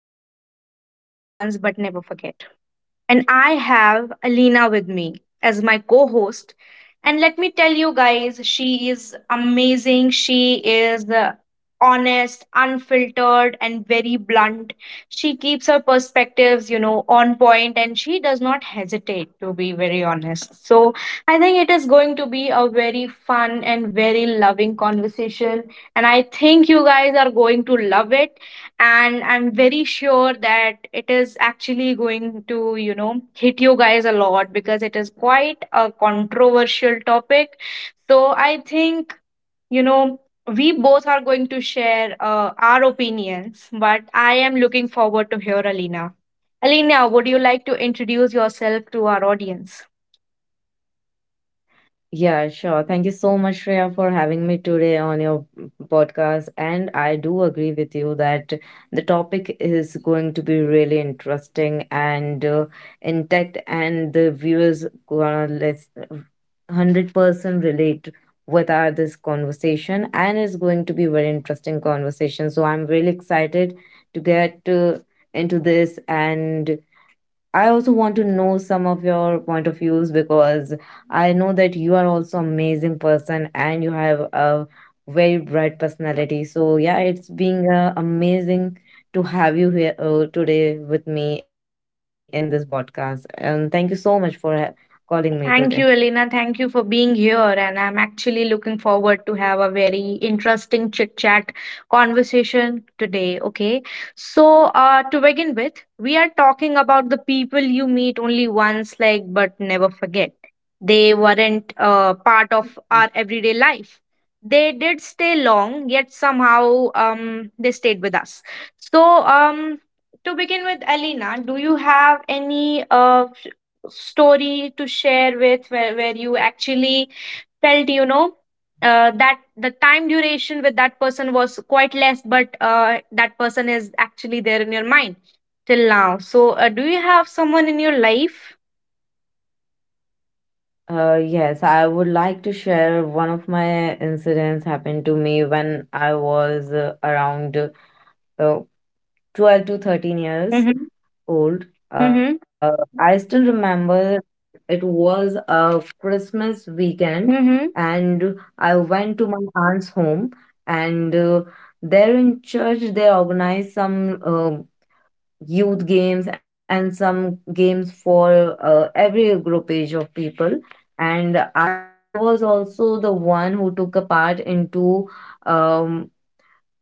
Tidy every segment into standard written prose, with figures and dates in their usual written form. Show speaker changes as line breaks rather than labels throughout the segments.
people you meet only once but never forget, and I have Alina with me as my co host. And let me tell you guys, she is amazing. She is honest, unfiltered, and very blunt. She keeps her perspectives, on point, and she does not hesitate to be very honest. So I think it is going to be a very fun and very loving conversation. And I think you guys are going to love it, and I'm very sure that it is actually going to, hit you guys a lot because it is quite a controversial topic. So I think, you know we both are going to share our opinions, but I am looking forward to hear Alina. Alina, would you like to introduce yourself to our audience?
Yeah, sure. Thank you so much, Shreya, for having me today on your podcast. And I do agree with you that the topic is going to be really interesting and intact, and the viewers gonna let's 100% relate with our this conversation, and it's going to be very interesting conversation. So I'm really excited to get into this and I also want to know some of your point of views because I know that you are also amazing person and you have a very bright personality. So yeah, it's being amazing to have you here today with me in this podcast. And thank you so much for calling me today.
Thank you, Elena. Thank you for being here. And I'm actually looking forward to have a very interesting chit chat conversation today. Okay. So, to begin with, we are talking about the people you meet only once, like, but never forget. They weren't part of our everyday life. They did stay long, yet somehow they stayed with us. So, to begin with, Elena, do you have any story to share with where you actually felt, that the time duration with that person was quite less but that person is actually there in your mind till now? So do you have someone in your life?
Yes, I would like to share one of my incidents happened to me when I was around uh, 12 to 13 years
Mm-hmm.
old.
Mm-hmm.
I still remember it was a Christmas weekend,
Mm-hmm.
and I went to my aunt's home, and there in church they organized some youth games and some games for every group age of people. And I was also the one who took a part into um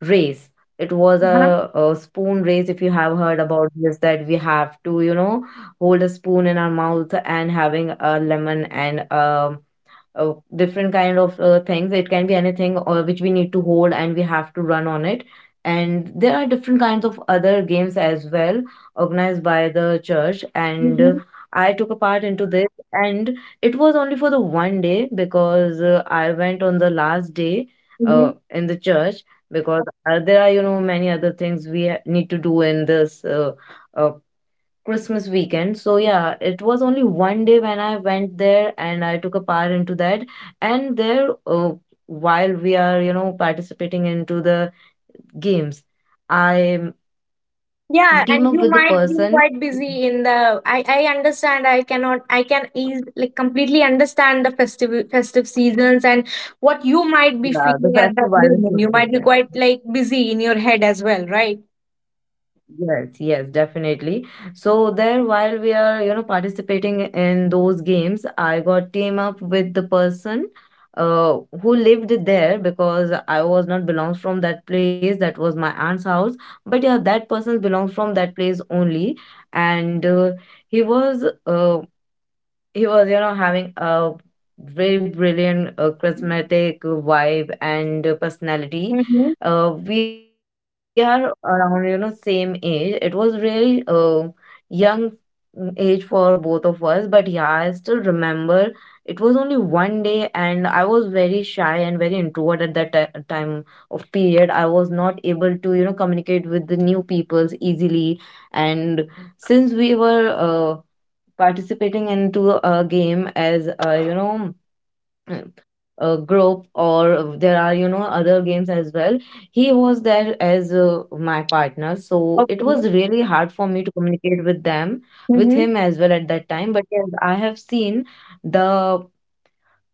race. It was a spoon race, if you have heard about this, that we have to, hold a spoon in our mouth and having a lemon and a different kind of things. It can be anything which we need to hold and we have to run on it. And there are different kinds of other games as well organized by the church. And
Mm-hmm.
I took a part into this, and it was only for the one day because I went on the last day in the church because there are many other things we need to do in this uh, Christmas weekend. So yeah, it was only one day when I went there and I took a part into that. And there, while we are participating into the games, I
Yeah, and
team up
you
with the
might be
person.
quite busy in the. I understand. I cannot. I can ease like completely understand the festive seasons and what you might be
Yeah, the
feeling at
festive
that
vibe is so
moment. You might be
different.
quite like busy in your head as well, right?
Yes, yes, definitely. So there, while we are, participating in those games, I got team up with the person who lived there because I was not belongs from that place. That was my aunt's house. But yeah, that person belongs from that place only. And he was uh he was having a very brilliant charismatic vibe and personality.
Mm-hmm.
We are around same age. It was really young age for both of us, but yeah, I still remember it was only one day and I was very shy and very introvert at that time of period. I was not able to communicate with the new peoples easily. And since we were participating into a game as a group, or there are other games as well, he was there as my partner, so it
Okay.
was really hard for me to communicate with them with
Mm-hmm.
him as well at that time. But yes, I have seen the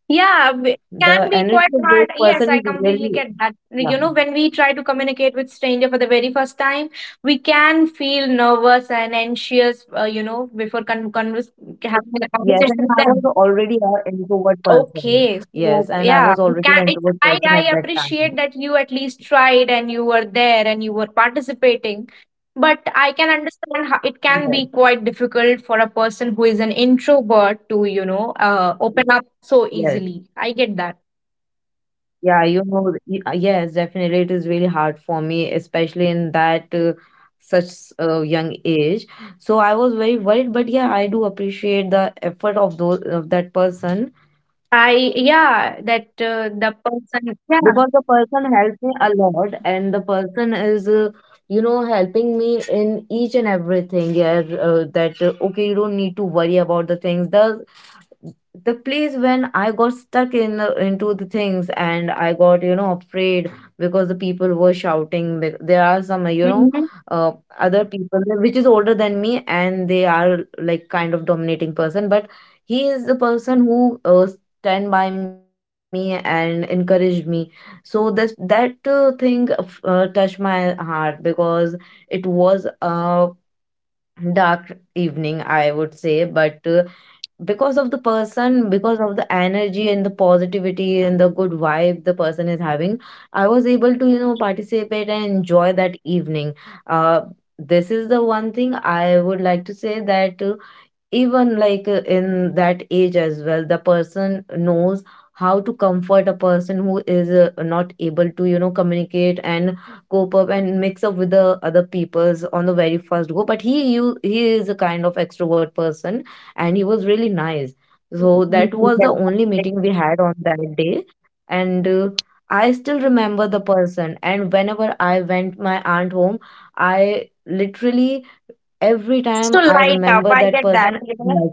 Can
the
be quite
energy of
hard.
both
Yes, I
person is
completely get
really.
that. You know,
Yeah.
when we try to communicate with stranger for the very first time, we can feel nervous and anxious. You know, before having a
Yes,
conversation
and I
with
was
them.
already an introvert person.
Okay, so
Yes, and I
yeah,
was
you
already
can
an
it,
introvert
I
person at
I
that time.
appreciate that you at least tried and you were there and you were participating, but I can understand how it can be
Yes,
quite difficult for a person who is an introvert to, you know, open up so
yes.
easily. I get that.
Yeah, yes, definitely. It is really hard for me, especially in that such young age. So I was very worried, but yeah, I do appreciate the effort of those of that person
I yeah, that the person, yeah.
because the person helped me a lot, and the person is, helping me in each and everything. Yeah, that okay, you don't need to worry about the things. The place when I got stuck in into the things and I got afraid because the people were shouting. There are some
Mhm.
uh, other people there which is older than me and they are like kind of dominating person, but he is the person who stand by me and encouraged me. So this that thing touched my heart because it was a dark evening I would say, but. Because of the person, because of the energy and the positivity and the good vibe the person is having, I was able to, participate and enjoy that evening. Uh, this is the one thing I would like to say that even like in that age as well the person knows how to comfort a person who is not able to communicate and cope up and mix up with the other peoples on the very first go, but he is a kind of extrovert person and he was really nice. So that was the only meeting we had on that day, and I still remember the person, and whenever I went my aunt home, I literally every time
So
I
light up.
remember
I
that
get that.
person, I'm like,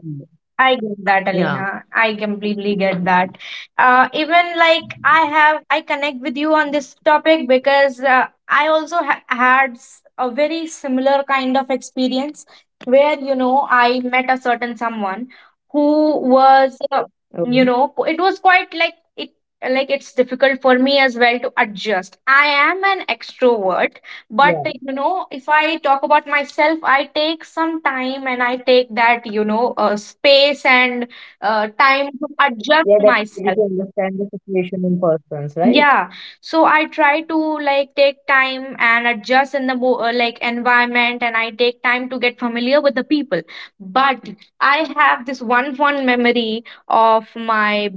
I get that,
yeah,
Elena. I completely get that. Even like I have, I connect with you on this topic because I also had a very similar kind of experience where, you know, I met a certain someone who was,
oh,
you know, it was quite like it, like it's difficult for me as well to adjust. I am an extrovert,
yeah,
but you know, if I talk about myself, I take some time and I take that, you know, space and time to adjust
yeah, that's easy
myself.
to understand the situation in persons, right?
Yeah, so I try to like take time and adjust in the mo like environment, and I take time to get familiar with the people. But I have this one fond memory of my,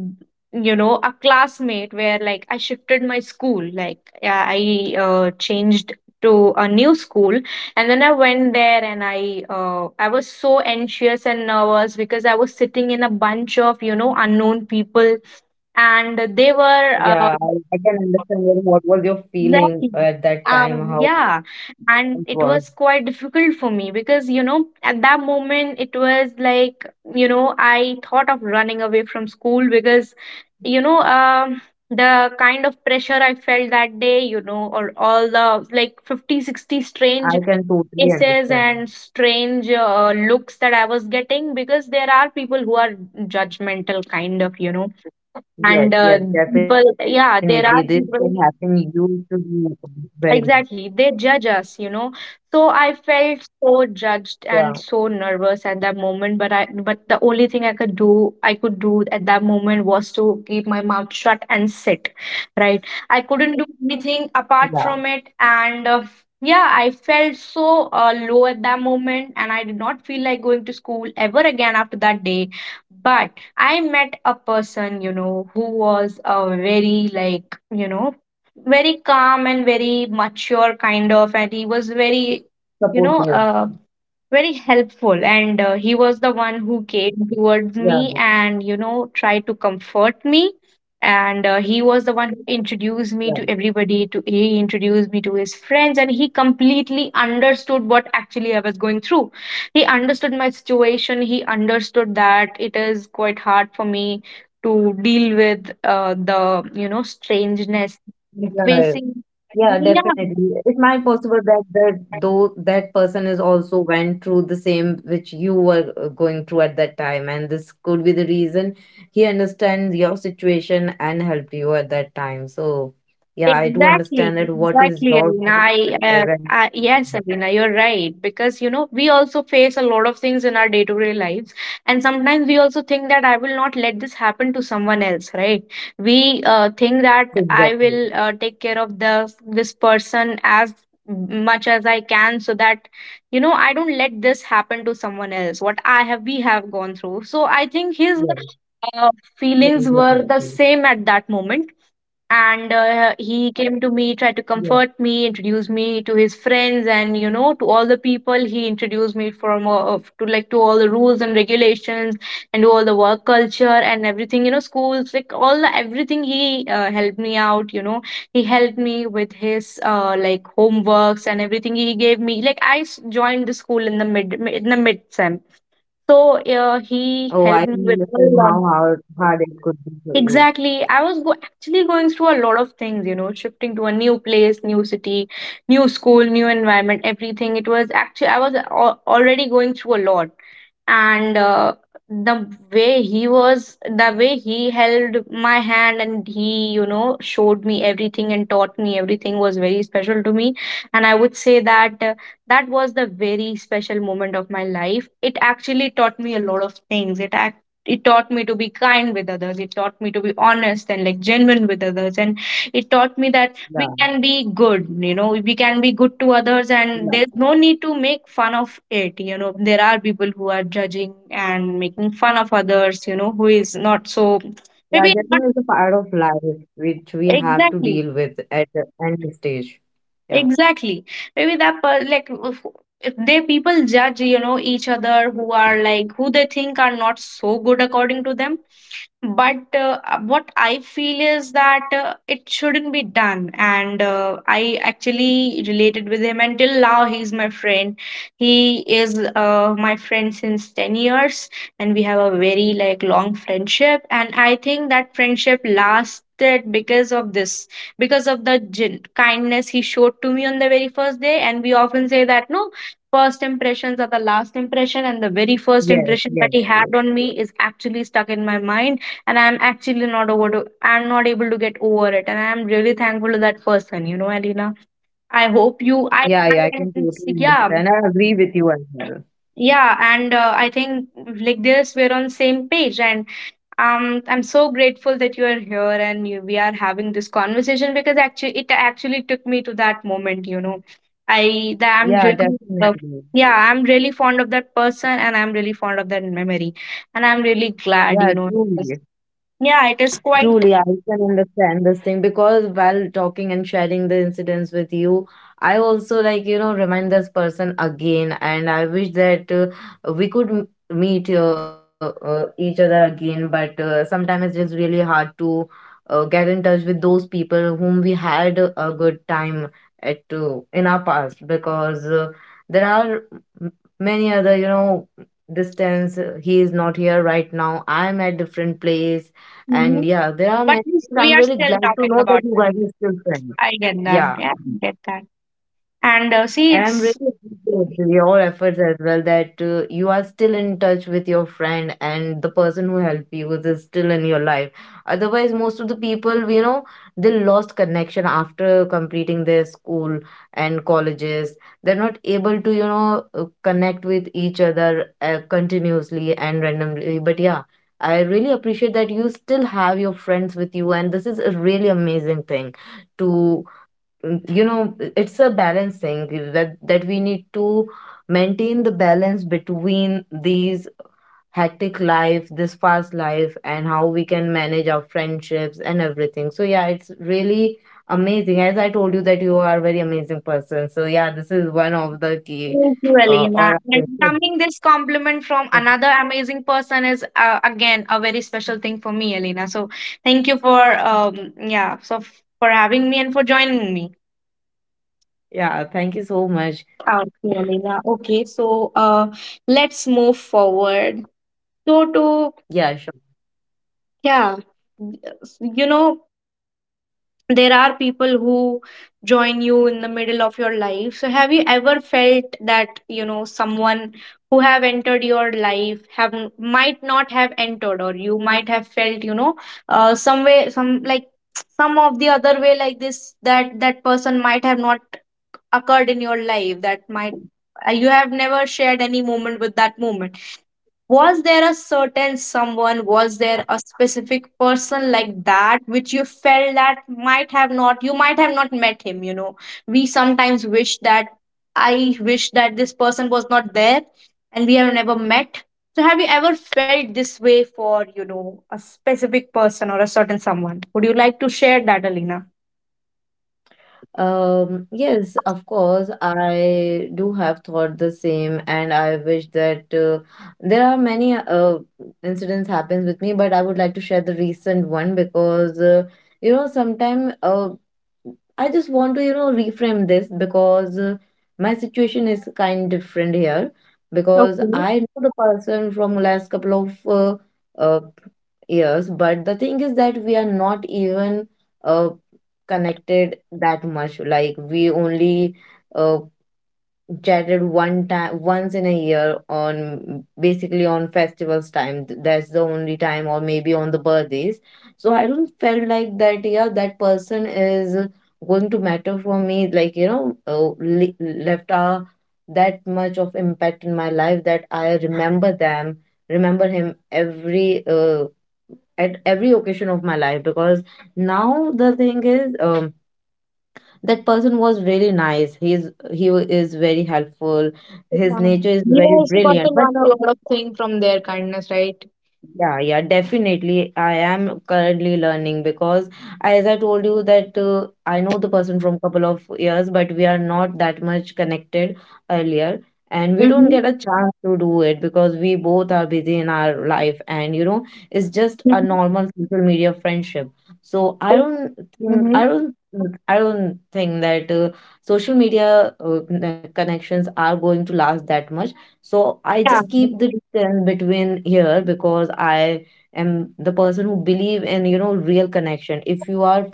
you know, a classmate where like I shifted my school, like yeah, I changed to a new school, and then I went there, and I was so anxious and nervous because I was sitting in a bunch of, you know, unknown people, and they were
Yeah, I can understand very what was your feeling
exactly.
at that time, how
Yeah, and
it
it
was.
was quite difficult for me because, you know, at that moment it was like, you know, I thought of running away from school because, you know, the kind of pressure I felt that day, you know, or all the like 50, 60 strange
I can totally
essays
understand.
and strange looks that I was getting because there are people who are judgmental, kind of, you know,
Yes,
and
yes,
people,
definitely. This
yeah,
thing
there are
happening,
people.
you should be very,
Exactly. They judge us, you know. So I felt so
yeah,
judged and so nervous at that moment, but I but the only thing I could do at that moment was to keep my mouth shut and sit, right? I couldn't do anything
yeah,
apart from it, and yeah, I felt so low at that moment, and I did not feel like going to school ever again after that day. But I met a person, you know, who was a very like, you know, very calm and very mature kind of, and he was very,
supportive.
you know, very helpful. And he was the one who came
Yeah,
towards me and, you know, tried to comfort me. And he was the one who
yeah,
introduced me to everybody. To he introduced me to his friends, and he completely understood what actually I was going through. He understood my situation. He understood that it is quite hard for me to deal with the, you know, strangeness
yeah.
facing,
Yeah,
yeah.
definitely. It might possible that though that person is also went through the same which you were going through at that time, and this could be the reason he understands your situation and help you at that time. So, yeah, I do
Exactly,
understand that. What is
exactly,
your
Alina.
perspective?
I
And
yes, Alina, you're right. Because you know, we also face a lot of things in our day-to-day lives, and sometimes we also think that I will not let this happen to someone else, right? We think that
yes,
I
exactly.
will take care of the this person as much as I can, so that, you know, I don't let this happen to someone else what I have, we have gone through. So
Yes,
I think his
yes,
uh, feelings
definitely.
were the same at that moment. And he came to me,
Yes.
tried to comfort me, introduce me to his friends, and, you know, to all the people he introduced me from, to like to all the rules and regulations and to all the work culture and everything, you know, schools, like all the everything he helped me out, you know. He helped me with his like homeworks and everything. He gave me like joined the school in the mid sem, so he
Oh,
helped
I
me
can
with all
understand
the
how hard it could be for you.
exactly. Actually going through a lot of things, you know, shifting to a new place, new city, new school, new environment, everything. It was actually, I was already going through a lot, and the way he held my hand and he, you know, showed me everything and taught me everything was very special to me. And I would say that that was the very special moment of my life. It actually taught me a lot of things. It taught me to be kind with others. It taught me to be honest and like genuine with others, and it taught me that we
Yeah,
can be good, you know, we can be good to others, and
yeah.
there's no need to make fun of it. You know, there are people who are judging and making fun of others, you know, who is not so
Yeah,
maybe not.
judgment is a part of life which we have to
Exactly,
deal with at the end stage. Yeah.
exactly. Maybe that like if they people judge, you know, each other who are like who they think are not so good according to them. But what I feel is that it shouldn't be done. And I actually related with him until now. He's my friend. He is my friend since 10 years, and we have a very like long friendship. And I think that friendship lasted because of this, because of the kindness he showed to me on the very first day. And we often say that no, first impressions are the last impression, and the very first
Yes,
impression that
yes,
he had
yes.
on me is actually stuck in my mind, and I'm not able to get over it. And I'm really thankful to that person, you know, Alina. I hope you,
Yeah, yeah, I can
I,
totally
yeah,
understand. I agree with you as well.
yeah. And I think like this we're on same page. And I'm so grateful that you are here and we are having this conversation, because actually it actually took me to that moment, you know. I that I'm
Yeah,
really
definitely.
Yeah, I'm really fond of that person, and I'm really fond of that memory. And I'm really glad, you
Yeah,
know,
truly.
yeah, it is quite.
Truly, I can understand this thing because while talking and sharing the incidents with you, I also like, remind this person again. And I wish that we could meet each other again. But sometimes it's just really hard to get in touch with those people whom we had a good time at in our past because there are m- many other, distance. He is not here right now. I'm at different place, and yeah, there are
But
many things.
we
I'm
are
really
still
glad to
talking
know that
about
you guys
women.
are still friends.
I get that.
Yeah.
Yeah, I get that. And see,
And I'm
it's
really appreciative of your efforts as well that you are still in touch with your friend and the person who helped you is still in your life. Otherwise, most of the people, they lost connection after completing their school and colleges. They're not able to, connect with each other continuously and randomly. But yeah, I really appreciate that you still have your friends with you, and this is a really amazing thing to. You know it's a balance thing that we need to maintain the balance between these hectic life, this fast life, and how we can manage our friendships and everything. So yeah, it's really amazing. As I told you that you are a very amazing person, so yeah, this is one of the key
thank you, Alina.
or I can
And
say.
coming this compliment from
Yeah,
another amazing person is again a very special thing for me, Alina. So thank you for yeah, so for having me and for joining me.
yeah, thank you so much.
Okay, Alina. Okay, so let's move forward. So to
Yeah, sure.
yeah, you know there are people who join you in the middle of your life. So have you ever felt that you know someone who have entered your life have might not have entered, or you might have felt some way, some like some of the other way like this, that person might have not occurred in your life, that might you have never shared any moment with that moment. Was there a certain someone, was there a specific person like that which you felt that might have not, you might have not met him? You know, we sometimes wish that I wish that this person was not there and we have never met. So, have you ever felt this way for, you know, a specific person or a certain someone? Would you like to share that, Alina?
Yes, of course, I do have thought the same, and I wish that there are many incidents happens with me, but I would like to share the recent one because sometimes I just want to, reframe this because my situation is kind different here because
Okay.
I know the person from last couple of years, but the thing is that we are not even uh, connected that much. Like we only uh, chatted one time once in a year on basically on festivals time. That's the only time, or maybe on the birthdays. So I don't felt like that, yeah, that person is going to matter for me, like, left a that much of impact in my life that I remember him every at every occasion of my life because now the thing is, that person was really nice. He's he wa- is very helpful. His nature is
You
very
also got to
brilliant, but
learn a
the.
lot of things from their kindness, right?
Yeah, yeah, definitely. I am currently learning because, as I told you, that I know the person from couple of years, but we are not that much connected earlier, and we don't
Mm-hmm.
get a chance to do it because we both are busy in our life, and it's just a
Mhm.
normal social media friendship. So I
Okay.
don't think
Mm-hmm.
I don't I don't think that social media connections are going to last that much, so I
Yeah.
just keep the distance between here because I am the person who believe in, you know, real connection. If you are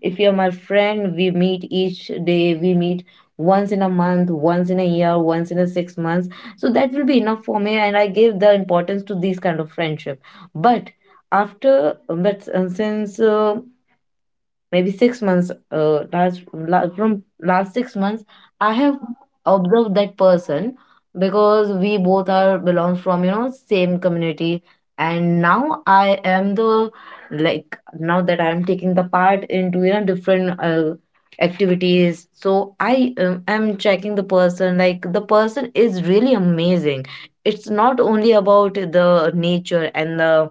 if you're my friend, we meet each day, we meet once in a month, once in a year, once in a 6 months. So that will be enough for me, and I give the importance to these kind of friendship. But after but since Maybe 6 months uh, last from last 6 months, I have observed that person because we both are belong from, you know, same community. And now I am the, like, now that I am taking the part into, you know, different activities. So I am checking the person, like the person is really amazing. It's not only about the nature and the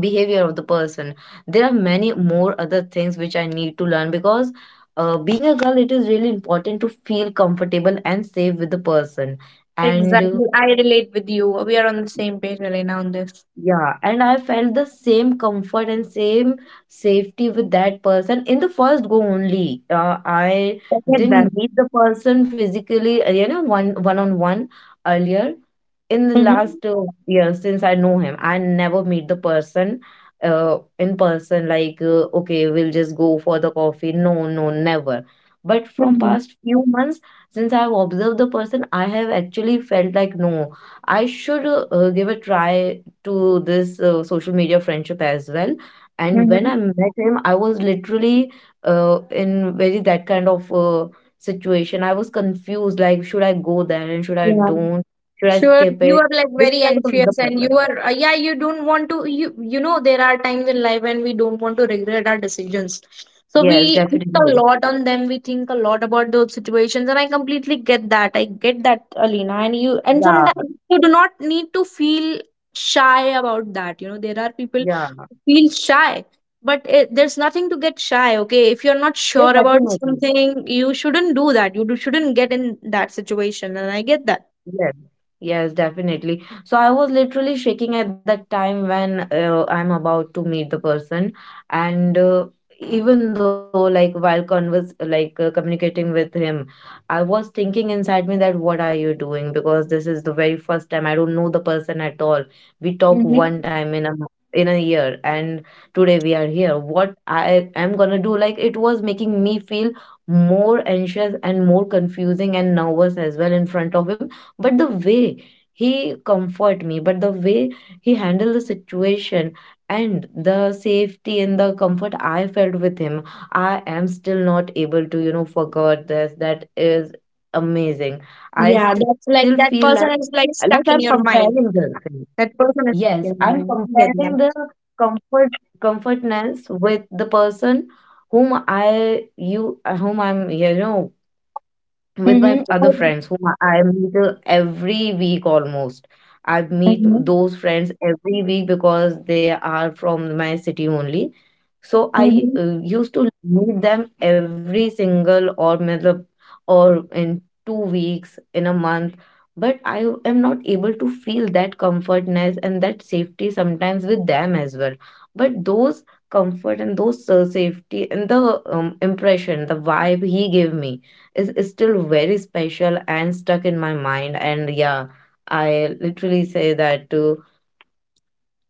behavior of the person, there are many more other things which I need to learn, because being a girl, it is really important to feel comfortable and safe with the person. And
Exactly. I relate with you. We are on the same page, Elena, on this.
Yeah, and I felt the same comfort and same safety with that person in the first go only. I
I get that.
didn't meet the person physically, you know, one on one earlier. In the
Mm-hmm.
last year since I know him, I never meet the person in person. Like, okay, we'll just go for the coffee. No, no, never. But from
Mm-hmm.
past few months, since I've observed the person, I have actually felt like no, I should give a try to this social media friendship as well. And when
Mm-hmm.
I met him, I was literally in very that kind of situation. I was confused, like should I go there and should I
Yeah.
don't? Should I
Sure,
skip
you
it?
are like
This
very
kind of the
anxious and you
person.
are, yeah, you don't want to, you know, there are times in life when we don't want to regret our decisions. So
Yes,
we think a
definitely.
lot on them. We think a lot about those situations, and I completely get that. I get that, Alina. And you, and
Yeah,
sometimes you do not need to feel shy about that. You know, there are people
yeah.
who feel shy, but it, there's nothing to get shy. Okay, if you're not
Yeah,
sure about
definitely.
something, you shouldn't do that, you shouldn't get in that situation, and I get that.
Yes, yes, definitely. So I was literally shaking at that time when I'm about to meet the person, and even though, like, while converse like communicating with him, I was thinking inside me, that what are you doing? Because this is the very first time, I don't know the person at all. We talk one time in a in a year, and today we are here. What I am gonna do? Like, it was making me feel more anxious and more confusing and nervous as well in front of him. But the way he comfort me, but the way he handled the situation and the safety and the comfort I felt with him, I am still not able to, you know, forget this. That is amazing. I
Yeah,
still
that's like
feel like
that person is
like
like
I'm
stuck in your
comparing the
mind.
thing.
That person is
Yes,
stuck in
I'm
your mind. I get
comparing the
that.
comfort comfortness with the person whom I you whom I'm, you know, with my
Mm-hmm.
other friends whom I meet every week almost. I meet
Mm-hmm.
those friends every week because they are from my city only. So I
Mm-hmm.
used to meet them every single or matlab, or in 2 weeks, in a month. But I am not able to feel that comfortness and that safety sometimes with them as well. But those comfort and those safety and the impression, the vibe he gave me is still very special and stuck in my mind. And yeah, I literally say that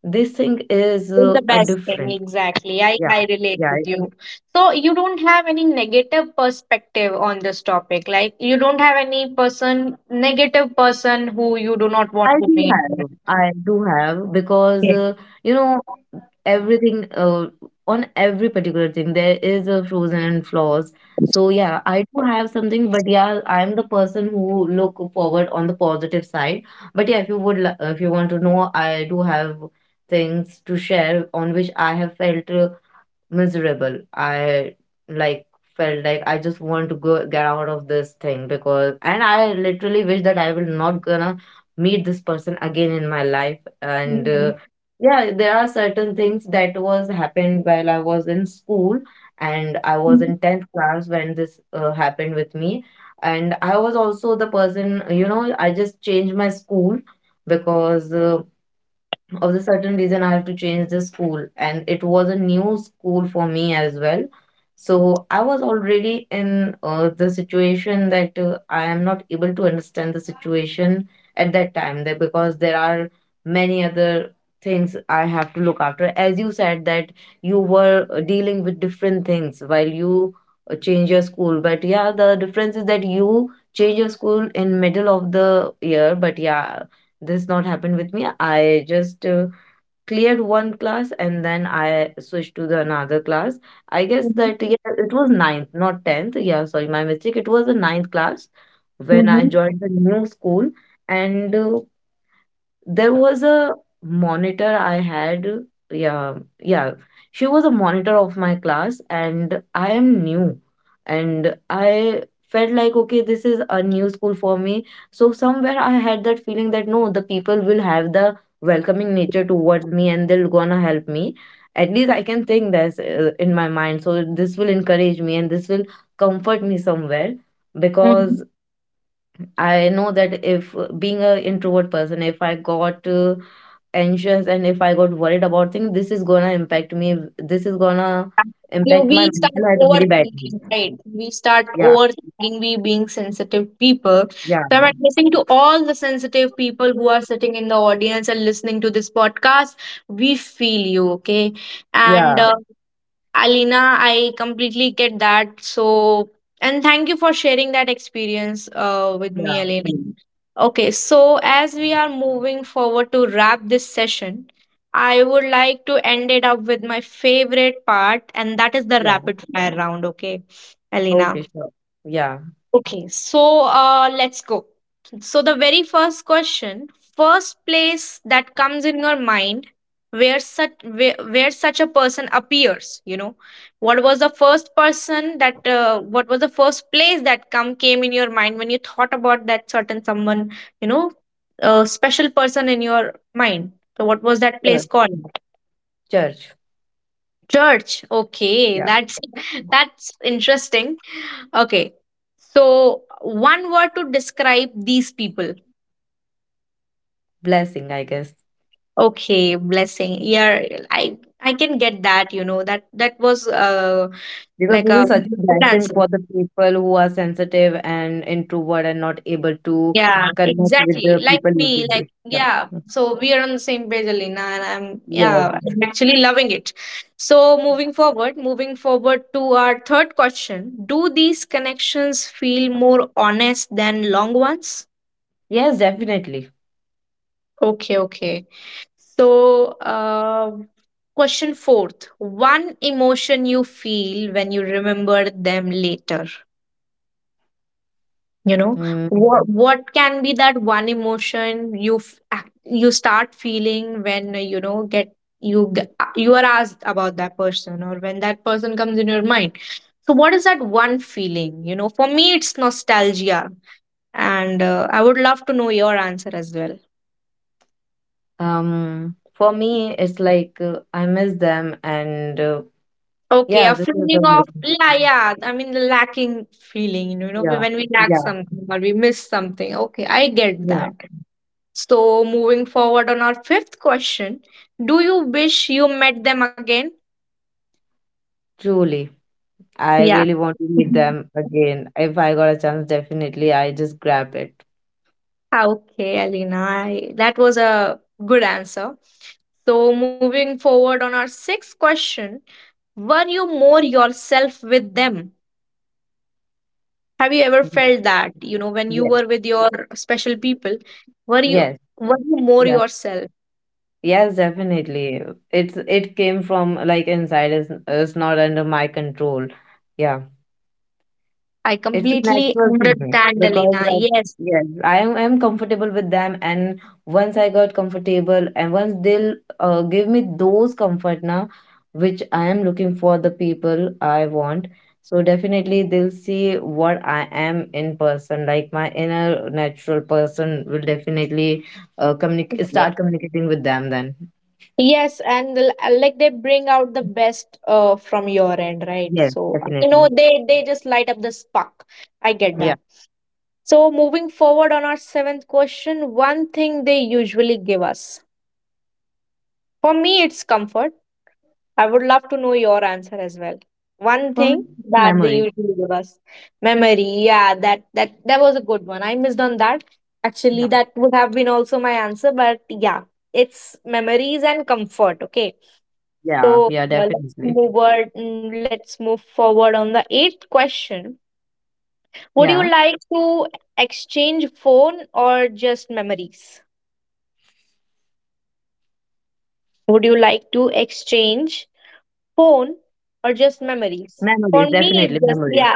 this thing is
It's the
a
best thing.
different.
Exactly. I,
Yeah,
I relate
yeah,
with you. So you don't have any negative perspective on this topic. Like you don't have any person, negative person who you do not
I
want to
do
meet.
have.
Okay.
I do have because
Yeah.
you know, everything on every particular thing, there is a frozen and flaws. So yeah, I do have something, but yeah, I am the person who look forward on the positive side. But yeah, if you would, if you want to know, I do have things to share on which I have felt miserable. I, like, felt like I just want to go get out of this thing, because, and I literally wish that I will not gonna meet this person again in my life. And
Mhm.
Yeah, there are certain things that was happened while I was in school, and I was in 10th class when this happened with me. And I was also the person, you know, I just changed my school because of the certain reason I have to change the school, and it was a new school for me as well. So I was already in the situation that I am not able to understand the situation at that time, that because there are many other things I have to look after. As you said that you were dealing with different things while you change your school, but yeah, the difference is that you change your school in middle of the year, but yeah, this not happened with me. I just cleared one class and then I switched to the another class. I guess
Mhm.
that yeah, it was ninth, not tenth. Yeah, sorry, my mistake. It was the ninth class when I
Mm-hmm.
joined the new school, and there was a monitor I had. Yeah, yeah. She was a monitor of my class, and I am new. And I felt like, okay, this is a new school for me. So, somewhere I had that feeling that no, the people will have the welcoming nature towards me and they are gonna help me. At least I can think this in my mind. So, this will encourage me and this will comfort me somewhere, because I know that if being a introvert person, if I got anxious, and if I got worried about things, this is gonna impact me. This is gonna
You,
impact
we
my
start
mental health very badly.
overthinking, right? We start
Yeah,
overthinking, we being sensitive people.
yeah,
So I'm addressing to all the sensitive people who are sitting in the audience and listening to this podcast. We feel you, okay? And
yeah,
Alina, I completely get that. So, and thank you for sharing that experience with me,
yeah,
Alina. Okay, so as we are moving forward to wrap this session, I would like to end it up with my favorite part, and that is the
yeah.
rapid fire round. Okay, Alina.
Okay, sure. Yeah.
Okay, so let's go. So, the very first question, first place that comes in your mind where such a person appears, you know, what was the first person that what was the first place that come came in your mind when you thought about that certain someone, you know, a special person in your mind. So, what was that
Sure.
place called?
Church.
Church. Okay,
Yeah,
that's that's interesting. Okay. So, one word to describe these people.
blessing, I guess.
Okay, blessing. Yeah, I can get that, you know. That that was
Because
like
this
a
is such a
good
blessing
answer.
for the people who are sensitive and introvert and not able to
Yeah,
connect with
exactly.
the
Like
people
me, like
easily.
yeah.
Yeah.
So we are on the same page, Alina, and I'm
Yes.
yeah, I'm actually loving it. So moving forward to our third question. Do these connections feel more honest than long ones?
Yes, definitely.
Okay, okay. So, question fourth, one emotion you feel when you remember them later. You know,
Mm,
what can be that one emotion you you start feeling when you know get you you are asked about that person or when that person comes in your mind. So, what is that one feeling? You know, for me, it's nostalgia, and I would love to know your answer as well.
for me, it's like I miss them, and
Okay,
yeah,
a
this is
feeling of
amazing.
yeah, yeah. I mean, the lacking feeling, you know,
Yeah,
when we lack
yeah,
something or we miss something. Okay, I get
yeah.
that. So, moving forward on our fifth question, do you wish you met them again?
Truly, I
Yeah.
really want to meet them again. If I got a chance, definitely I just grab it.
Okay, Alina, I, that was a good answer. So, moving forward on our sixth question, were you more yourself with them? Have you ever felt that, you know, when you
Yes,
were with your special people, were you
yes,
were you more
yeah.
yourself?
Yes, definitely. It's, it came from like inside. It's not under my control. Yeah.
I
It's a
completely
natural thing,
understand,
because,
Alina.
like,
Yes.
yes, I am, I'm comfortable with them, and once I got comfortable and once they'll give me those comfort now which I am looking for, the people I want. So definitely they'll see what I am in person. Like, my inner natural person will definitely communicate start communicating with them then.
Yes, and like they bring out the best from your end, right?
Yes,
So you know
definitely.
they just light up the spark. I get
Yeah.
that. So moving forward on our seventh question, one thing they usually give us. For me, it's comfort. I would love to know your answer as well. One
For me,
thing
it's
that they
memory.
usually give us memory. Yeah, that was a good one. I missed on that. Actually,
Yeah.
that would have been also my answer, but yeah, it's memories and comfort. Okay,
Yeah,
so
yeah,
let's move
definitely.
forward. Let's move forward on the eighth question. Would you
Yeah.
like to exchange phone or just memories? Would you like to exchange phone or just memories? For
Memories,
me, it's
definitely
just,
memories.
yeah,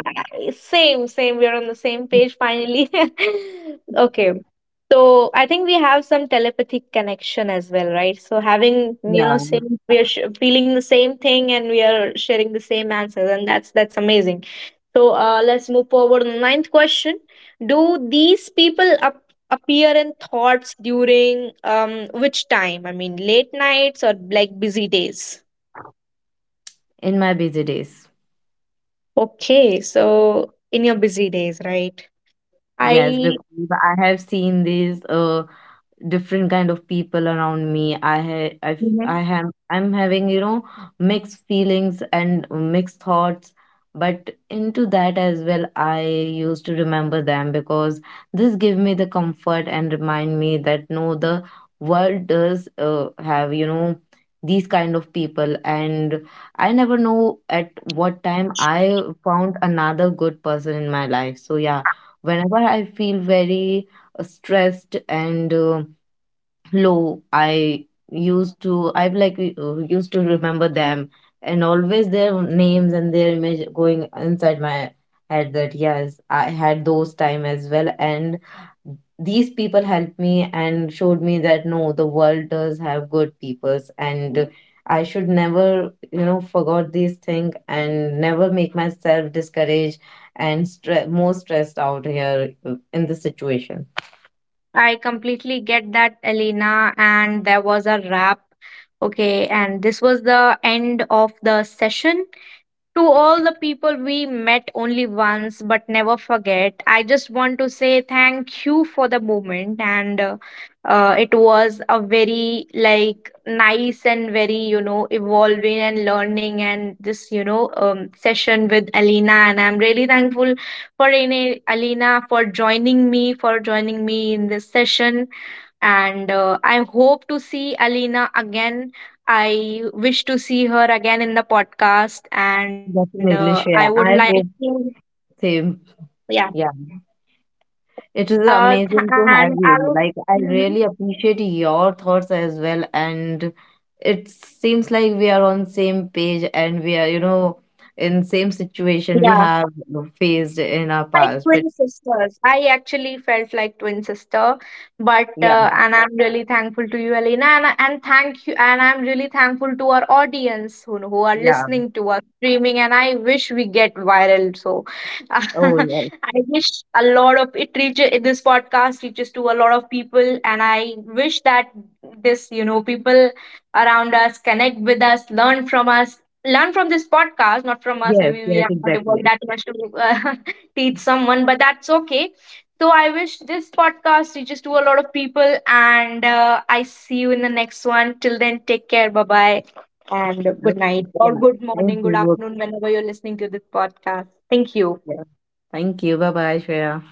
same. We're on the same page finally. Okay. So I think we have some telepathic connection as well, right? So having, you know,
Yeah,
same, we're sh feeling the same thing and we are sharing the same answers, and that's amazing. So let's move forward to the ninth question. Do these people up appear in thoughts during which time? I mean, late nights or like busy days?
in my busy days.
Okay, so in your busy days, right?
Yes,
I
because I have seen these different kind of people around me. i ha- i f- i
Mhm.
have I'm having, you know, mixed feelings and mixed thoughts, but into that as well, I used to remember them, because this give me the comfort and remind me that no, the world does have, you know, these kind of people. And I never know at what time I found another good person in my life. So yeah, whenever I feel very stressed and low, I used to remember them, and always their names and their image going inside my head, that yes, I had those time as well, and these people helped me and showed me that no, the world does have good peoples, and I should never, you know, forgot these thing and never make myself discouraged and more stressed out here in this situation.
I completely get that, Elena. And there was a wrap. Okay, and this was the end of the session. To all the people we met only once but never forget, I just want to say thank you for the moment. And it was a very like nice and very you know evolving and learning and this you know session with Alina. And I'm really thankful for Alina for joining me in this session, and I hope to see Alina again. I wish to see her again in the podcast, and I
Definitely,
would
Shreya,
like
I hope
to,
same.
yeah,
Yeah, it is amazing
and
to
I
have
would,
you. Like,
Mhm.
I really appreciate your thoughts as well. And it seems like we are on same page and we are, you know, in same situation we
yeah.
have faced in our
like
past. But
twin sisters. I actually felt like twin sister, but
yeah,
and I'm really thankful to you, Elena, and thank you, and I'm really thankful to our audience who are
yeah.
listening to us streaming, and I wish we get viral. So,
Oh, yes.
I wish a lot of it reaches this podcast reaches to a lot of people, and I wish that this you know people around us connect with us, learn from this podcast, not from us.
Yes,
Maybe we
yes,
are not evolved
exactly.
that much to uh, teach someone, but that's okay. So I wish this podcast reaches to a lot of people, and I see you in the next one. Till then, take care. Bye bye, and good
Okay.
night or
Yeah.
good
Thank
morning, good
you.
afternoon, whenever you're listening to this podcast. Thank you.
Yeah. Thank you. Bye bye, Shreya.